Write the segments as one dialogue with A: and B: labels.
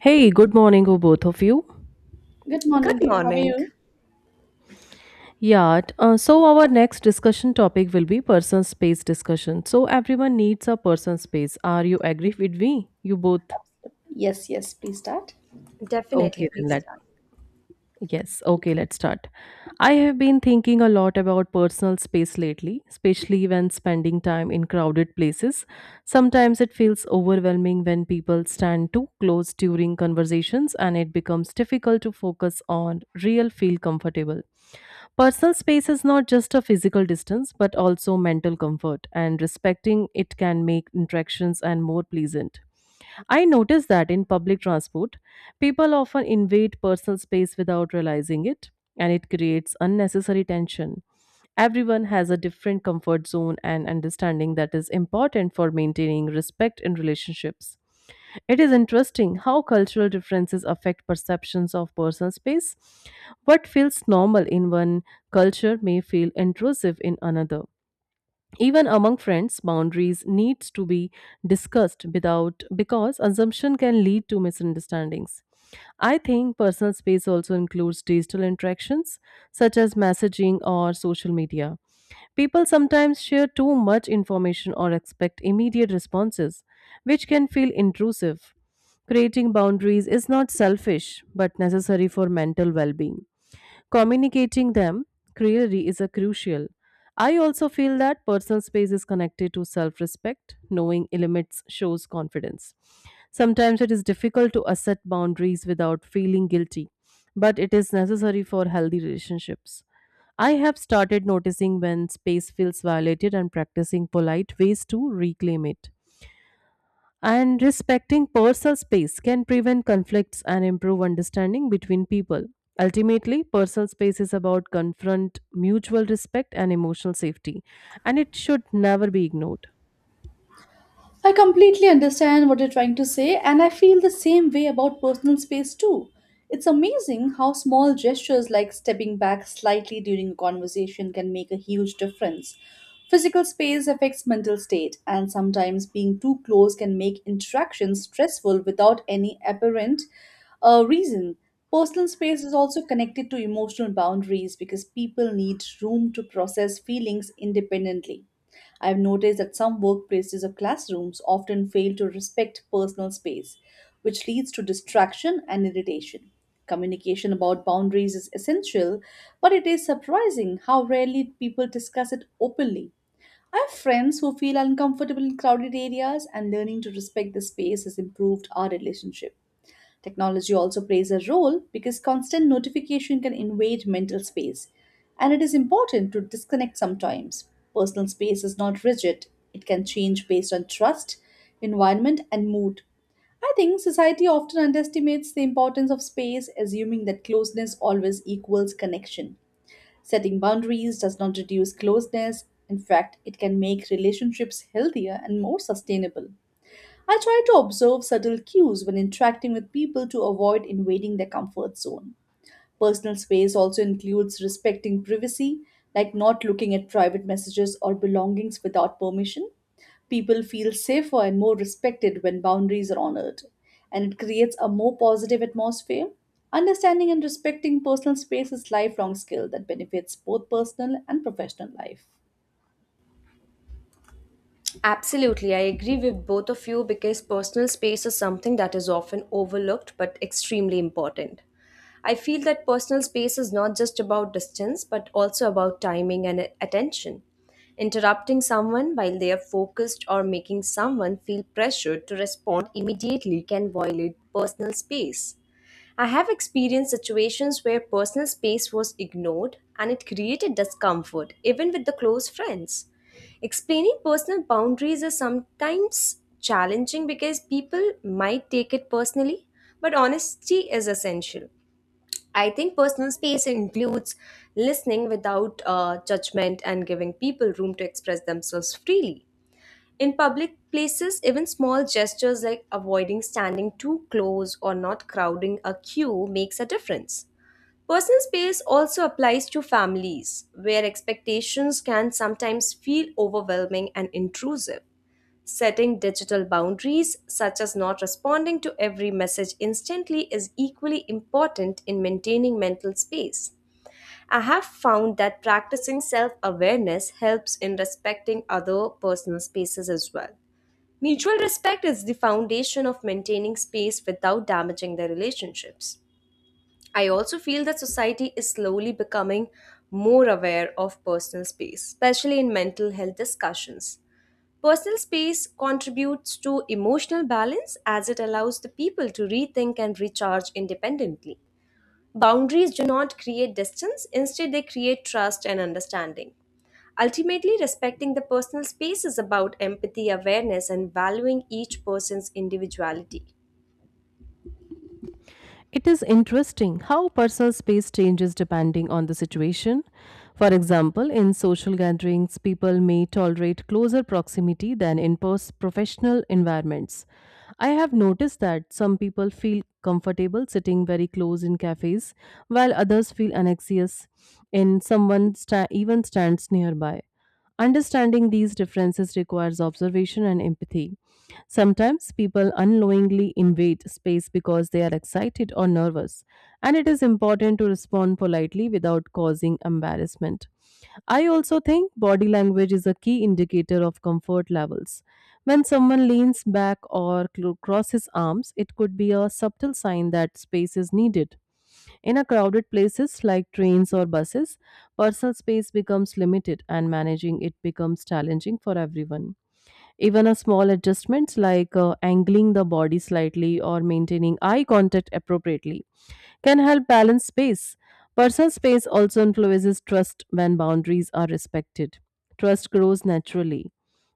A: Hey, good morning, to both of you.
B: Good
C: Good
B: morning, dear. How are
C: morning.
B: you?
A: Yeah, so our next discussion topic will be person space discussion. So everyone needs a person space. Are you agree with me? You both?
B: Yes, yes, please start.
C: Definitely,
A: Okay, then
C: please start.
A: let's start. I have been thinking a lot about personal space lately, especially when spending time in crowded places. Sometimes it feels overwhelming when people stand too close during conversations, and it becomes difficult to focus on real feel comfortable. Personal space is not just a physical distance, but also mental comfort, and respecting it can make interactions and more pleasant. I notice that in public transport, people often invade personal space without realizing it, and it creates unnecessary tension. Everyone has a different comfort zone and understanding that is important for maintaining respect in relationships. It is interesting how cultural differences affect perceptions of personal space. What feels normal in one culture may feel intrusive in another, even among friends boundaries needs to be discussed without because assumption can lead to misunderstandings. I think personal space also includes digital interactions such as messaging or social media. People sometimes share too much information or expect immediate responses, which can feel intrusive. Creating boundaries is not selfish but necessary for mental well-being. Communicating them clearly is a crucial. I also feel that personal space is connected to self respect. Knowing limits shows confidence. Sometimes it is difficult to assert boundaries without feeling guilty, but it is necessary for healthy relationships. I have started noticing when space feels violated and practicing polite ways to reclaim it. And respecting personal space can prevent conflicts and improve understanding between people. Ultimately, personal space is about confront mutual respect and emotional safety, and it should never be ignored.
B: I completely understand what you're trying to say, and I feel the same way about personal space too. It's amazing how small gestures like stepping back slightly during a conversation can make a huge difference. Physical space affects mental state, and sometimes being too close can make interactions stressful without any apparent reason. Personal space is also connected to emotional boundaries because people need room to process feelings independently. I've noticed that some workplaces or classrooms often fail to respect personal space, which leads to distraction and irritation. Communication about boundaries is essential, but it is surprising how rarely people discuss it openly. I have friends who feel uncomfortable in crowded areas, and learning to respect the space has improved our relationship. Technology also plays a role because constant notification can invade mental space, and it is important to disconnect sometimes. Personal space is not rigid, it can change based on trust, environment, and mood. I think society often underestimates the importance of space, assuming that closeness always equals connection. Setting boundaries does not reduce closeness, in fact, it can make relationships healthier and more sustainable. I try to observe subtle cues when interacting with people to avoid invading their comfort zone. Personal space also includes respecting privacy, like not looking at private messages or belongings without permission. People feel safer and more respected when boundaries are honored, and it creates a more positive atmosphere. Understanding and respecting personal space is lifelong skill that benefits both personal and professional life.
C: Absolutely, I agree with both of you because personal space is something that is often overlooked but extremely important. I feel that personal space is not just about distance but also about timing and attention. Interrupting someone while they are focused or making someone feel pressured to respond immediately can violate personal space. I have experienced situations where personal space was ignored and it created discomfort, even with the close friends. Explaining personal boundaries is sometimes challenging because people might take it personally, but honesty is essential. I think personal space includes listening without judgment and giving people room to express themselves freely. In public places, even small gestures like avoiding standing too close or not crowding a queue makes a difference. Personal space also applies to families, where expectations can sometimes feel overwhelming and intrusive. Setting digital boundaries, such as not responding to every message instantly, is equally important in maintaining mental space. I have found that practicing self awareness helps in respecting other personal spaces as well. Mutual respect is the foundation of maintaining space without damaging their relationships. I also feel that society is slowly becoming more aware of personal space, especially in mental health discussions. Personal space contributes to emotional balance as it allows the people to rethink and recharge independently. Boundaries do not create distance, instead, they create trust and understanding. Ultimately, respecting the personal space is about empathy, awareness, and valuing each person's individuality.
A: It is interesting how personal space changes depending on the situation. For example, in social gatherings, people may tolerate closer proximity than in professional environments. I have noticed that some people feel comfortable sitting very close in cafes, while others feel anxious in even stands nearby. Understanding these differences requires observation and empathy. Sometimes people unknowingly invade space because they are excited or nervous, and it is important to respond politely without causing embarrassment. I also think body language is a key indicator of comfort levels. When someone leans back or crosses arms, it could be a subtle sign that space is needed. In a crowded places like trains or buses, personal space becomes limited and managing it becomes challenging for everyone. Even a small adjustments like angling the body slightly or maintaining eye contact appropriately can help balance space. Personal space also influences trust when boundaries are respected. Trust grows naturally.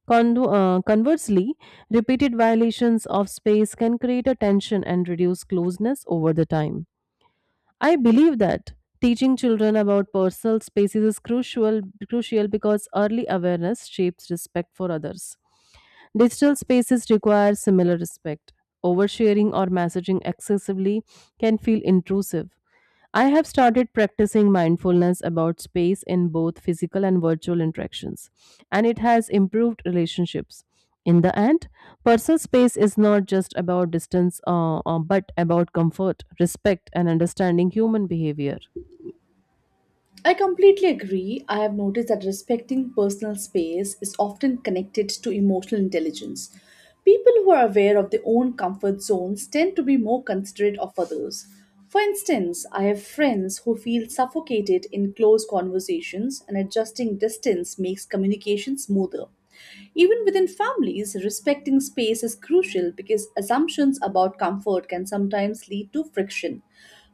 A: Conversely, repeated violations of space can create a tension and reduce closeness over the time. I believe that teaching children about personal spaces is crucial because early awareness shapes respect for others. Digital spaces require similar respect. Oversharing or messaging excessively can feel intrusive. I have started practicing mindfulness about space in both physical and virtual interactions, and it has improved relationships. In the end, personal space is not just about distance, but about comfort, respect, and understanding human behavior.
B: I completely agree. I have noticed that respecting personal space is often connected to emotional intelligence. People who are aware of their own comfort zones tend to be more considerate of others. For instance, I have friends who feel suffocated in close conversations, and adjusting distance makes communication smoother. Even within families, respecting space is crucial because assumptions about comfort can sometimes lead to friction.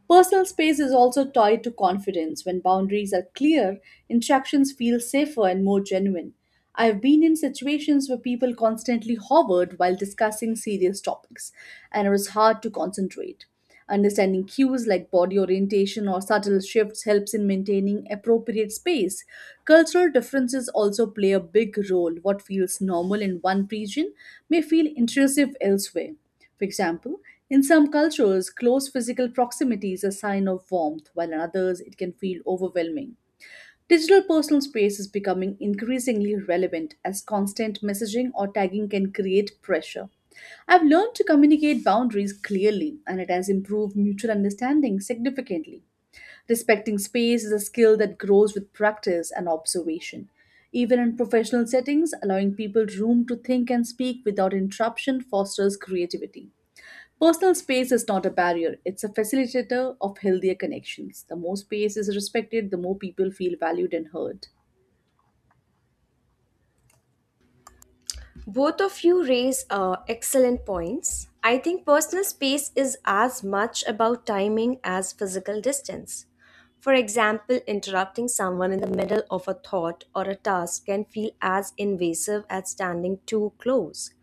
B: Personal space is also tied to confidence. When boundaries are clear, interactions feel safer and more genuine. I've been in situations where people constantly hovered while discussing serious topics, and it was hard to concentrate. Understanding cues like body orientation or subtle shifts helps in maintaining appropriate space. Cultural differences also play a big role. What feels normal in one region may feel intrusive elsewhere. For example, in some cultures, close physical proximity is a sign of warmth, while in others, it can feel overwhelming. Digital personal space is becoming increasingly relevant as constant messaging or tagging can create pressure. I've learned to communicate boundaries clearly, and it has improved mutual understanding significantly. Respecting space is a skill that grows with practice and observation. Even in professional settings, allowing people room to think and speak without interruption fosters creativity. Personal space is not a barrier, it's a facilitator of healthier connections. The more space is respected, the more people feel valued and heard.
C: Both of you raise excellent points. I think personal space is as much about timing as physical distance. For example, interrupting someone in the middle of a thought or a task can feel as invasive as standing too close.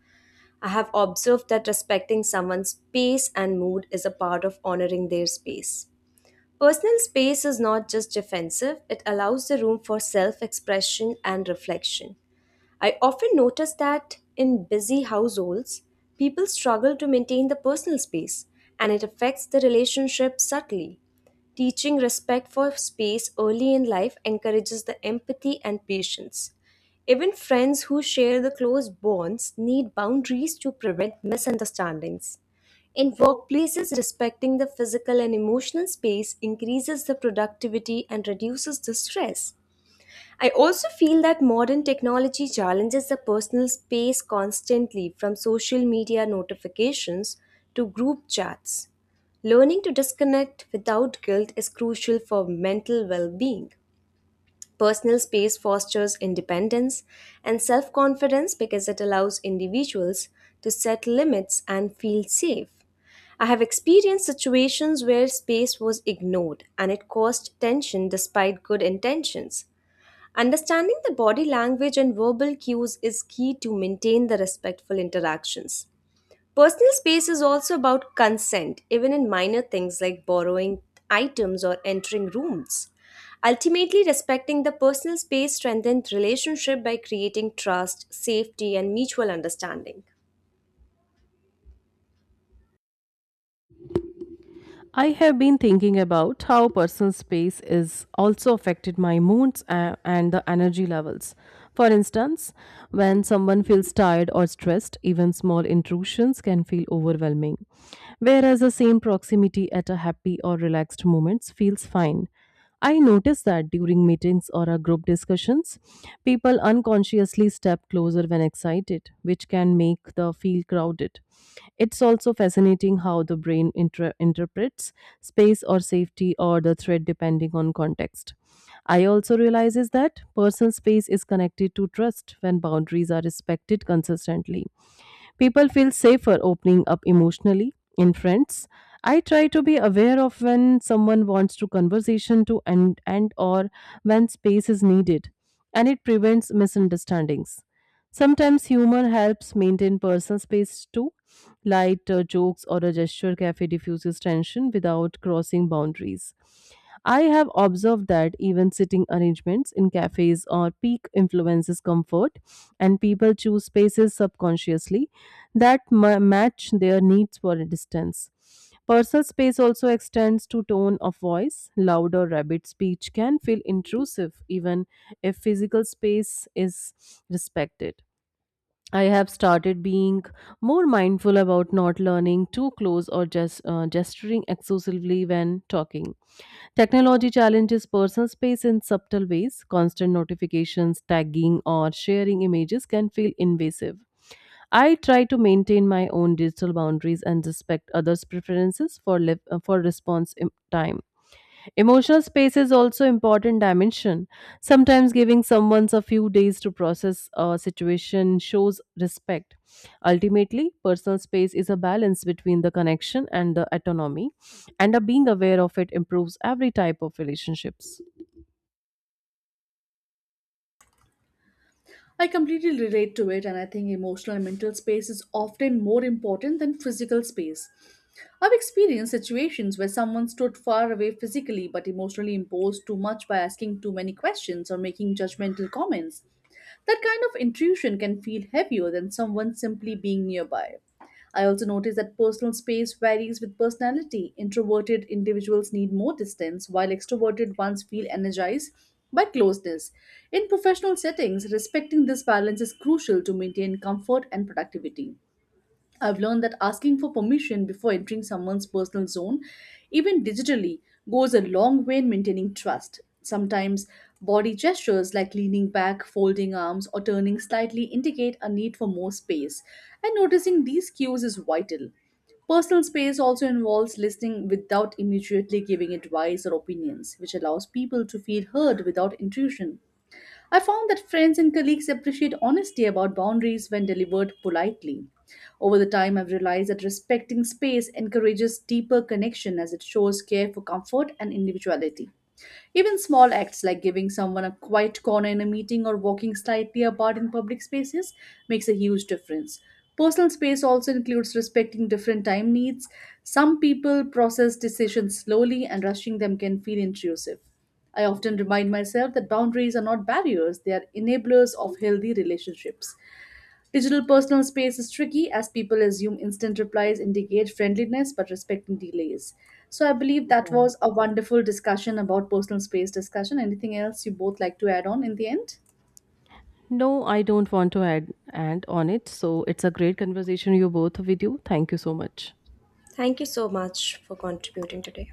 C: I have observed that respecting someone's pace and mood is a part of honoring their space. Personal space is not just defensive, it allows the room for self expression and reflection. I often notice that in busy households, people struggle to maintain the personal space, and it affects the relationship subtly. Teaching respect for space early in life encourages the empathy and patience. Even friends who share the close bonds need boundaries to prevent misunderstandings. In workplaces, respecting the physical and emotional space increases the productivity and reduces the stress. I also feel that modern technology challenges the personal space constantly from social media notifications to group chats. Learning to disconnect without guilt is crucial for mental well being. Personal space fosters independence and self confidence because it allows individuals to set limits and feel safe. I have experienced situations where space was ignored and it caused tension despite good intentions. Understanding the body language and verbal cues is key to maintain the respectful interactions. Personal space is also about consent, even in minor things like borrowing items or entering rooms. Ultimately, respecting the personal space strengthens relationship by creating trust, safety, and mutual understanding.
A: I have been thinking about how personal space is also affected my moods and the energy levels. For instance, when someone feels tired or stressed, even small intrusions can feel overwhelming. Whereas the same proximity at a happy or relaxed moments feels fine. I notice that during meetings or our group discussions, people unconsciously step closer when excited, which can make the feel crowded. It's also fascinating how the brain interprets space or safety or the threat depending on context. I also realizes that personal space is connected to trust when boundaries are respected consistently. People feel safer opening up emotionally in friends. I try to be aware of when someone wants to conversation to end or when space is needed, and it prevents misunderstandings. Sometimes humor helps maintain personal space too. Light jokes or a gesture cafe diffuses tension without crossing boundaries. I have observed that even sitting arrangements in cafes or peak influences comfort, and people choose spaces subconsciously that match their needs for a distance. Personal space also extends to tone of voice. Loud or rabid speech can feel intrusive even if physical space is respected. I have started being more mindful about not learning too close or just gesturing exclusively when talking. Technology challenges personal space in subtle ways. Constant notifications, tagging, or sharing images can feel invasive. I try to maintain my own digital boundaries and respect others' preferences for, for response im- time. Emotional space is also important dimension. Sometimes giving someone a few days to process a situation shows respect. Ultimately, personal space is a balance between the connection and the autonomy, and a being aware of it improves every type of relationships.
B: I completely relate to it, and I think emotional and mental space is often more important than physical space. I've experienced situations where someone stood far away physically but emotionally imposed too much by asking too many questions or making judgmental comments. That kind of intrusion can feel heavier than someone simply being nearby. I also notice that personal space varies with personality. Introverted individuals need more distance, while extroverted ones feel energized by closeness. In professional settings, respecting this balance is crucial to maintain comfort and productivity. I've learned that asking for permission before entering someone's personal zone, even digitally, goes a long way in maintaining trust. Sometimes body gestures like leaning back, folding arms, or turning slightly indicate a need for more space, and noticing these cues is vital. Personal space also involves listening without immediately giving advice or opinions, which allows people to feel heard without intrusion. I found that friends and colleagues appreciate honesty about boundaries when delivered politely. Over the time, I've realized that respecting space encourages deeper connection as it shows care for comfort and individuality. Even small acts like giving someone a quiet corner in a meeting or walking slightly apart in public spaces makes a huge difference. Personal space also includes respecting different time needs. Some people process decisions slowly, and rushing them can feel intrusive. I often remind myself that boundaries are not barriers, they are enablers of healthy relationships. Digital personal space is tricky as people assume instant replies indicate friendliness but respecting delays. So I believe that
A: Yeah.
B: was a wonderful discussion about personal space discussion. Anything else you both like to add on in the end?
A: No, I don't want to add and on it. So it's a great conversation you both with you. Thank you so much.
C: Thank you so much for contributing today.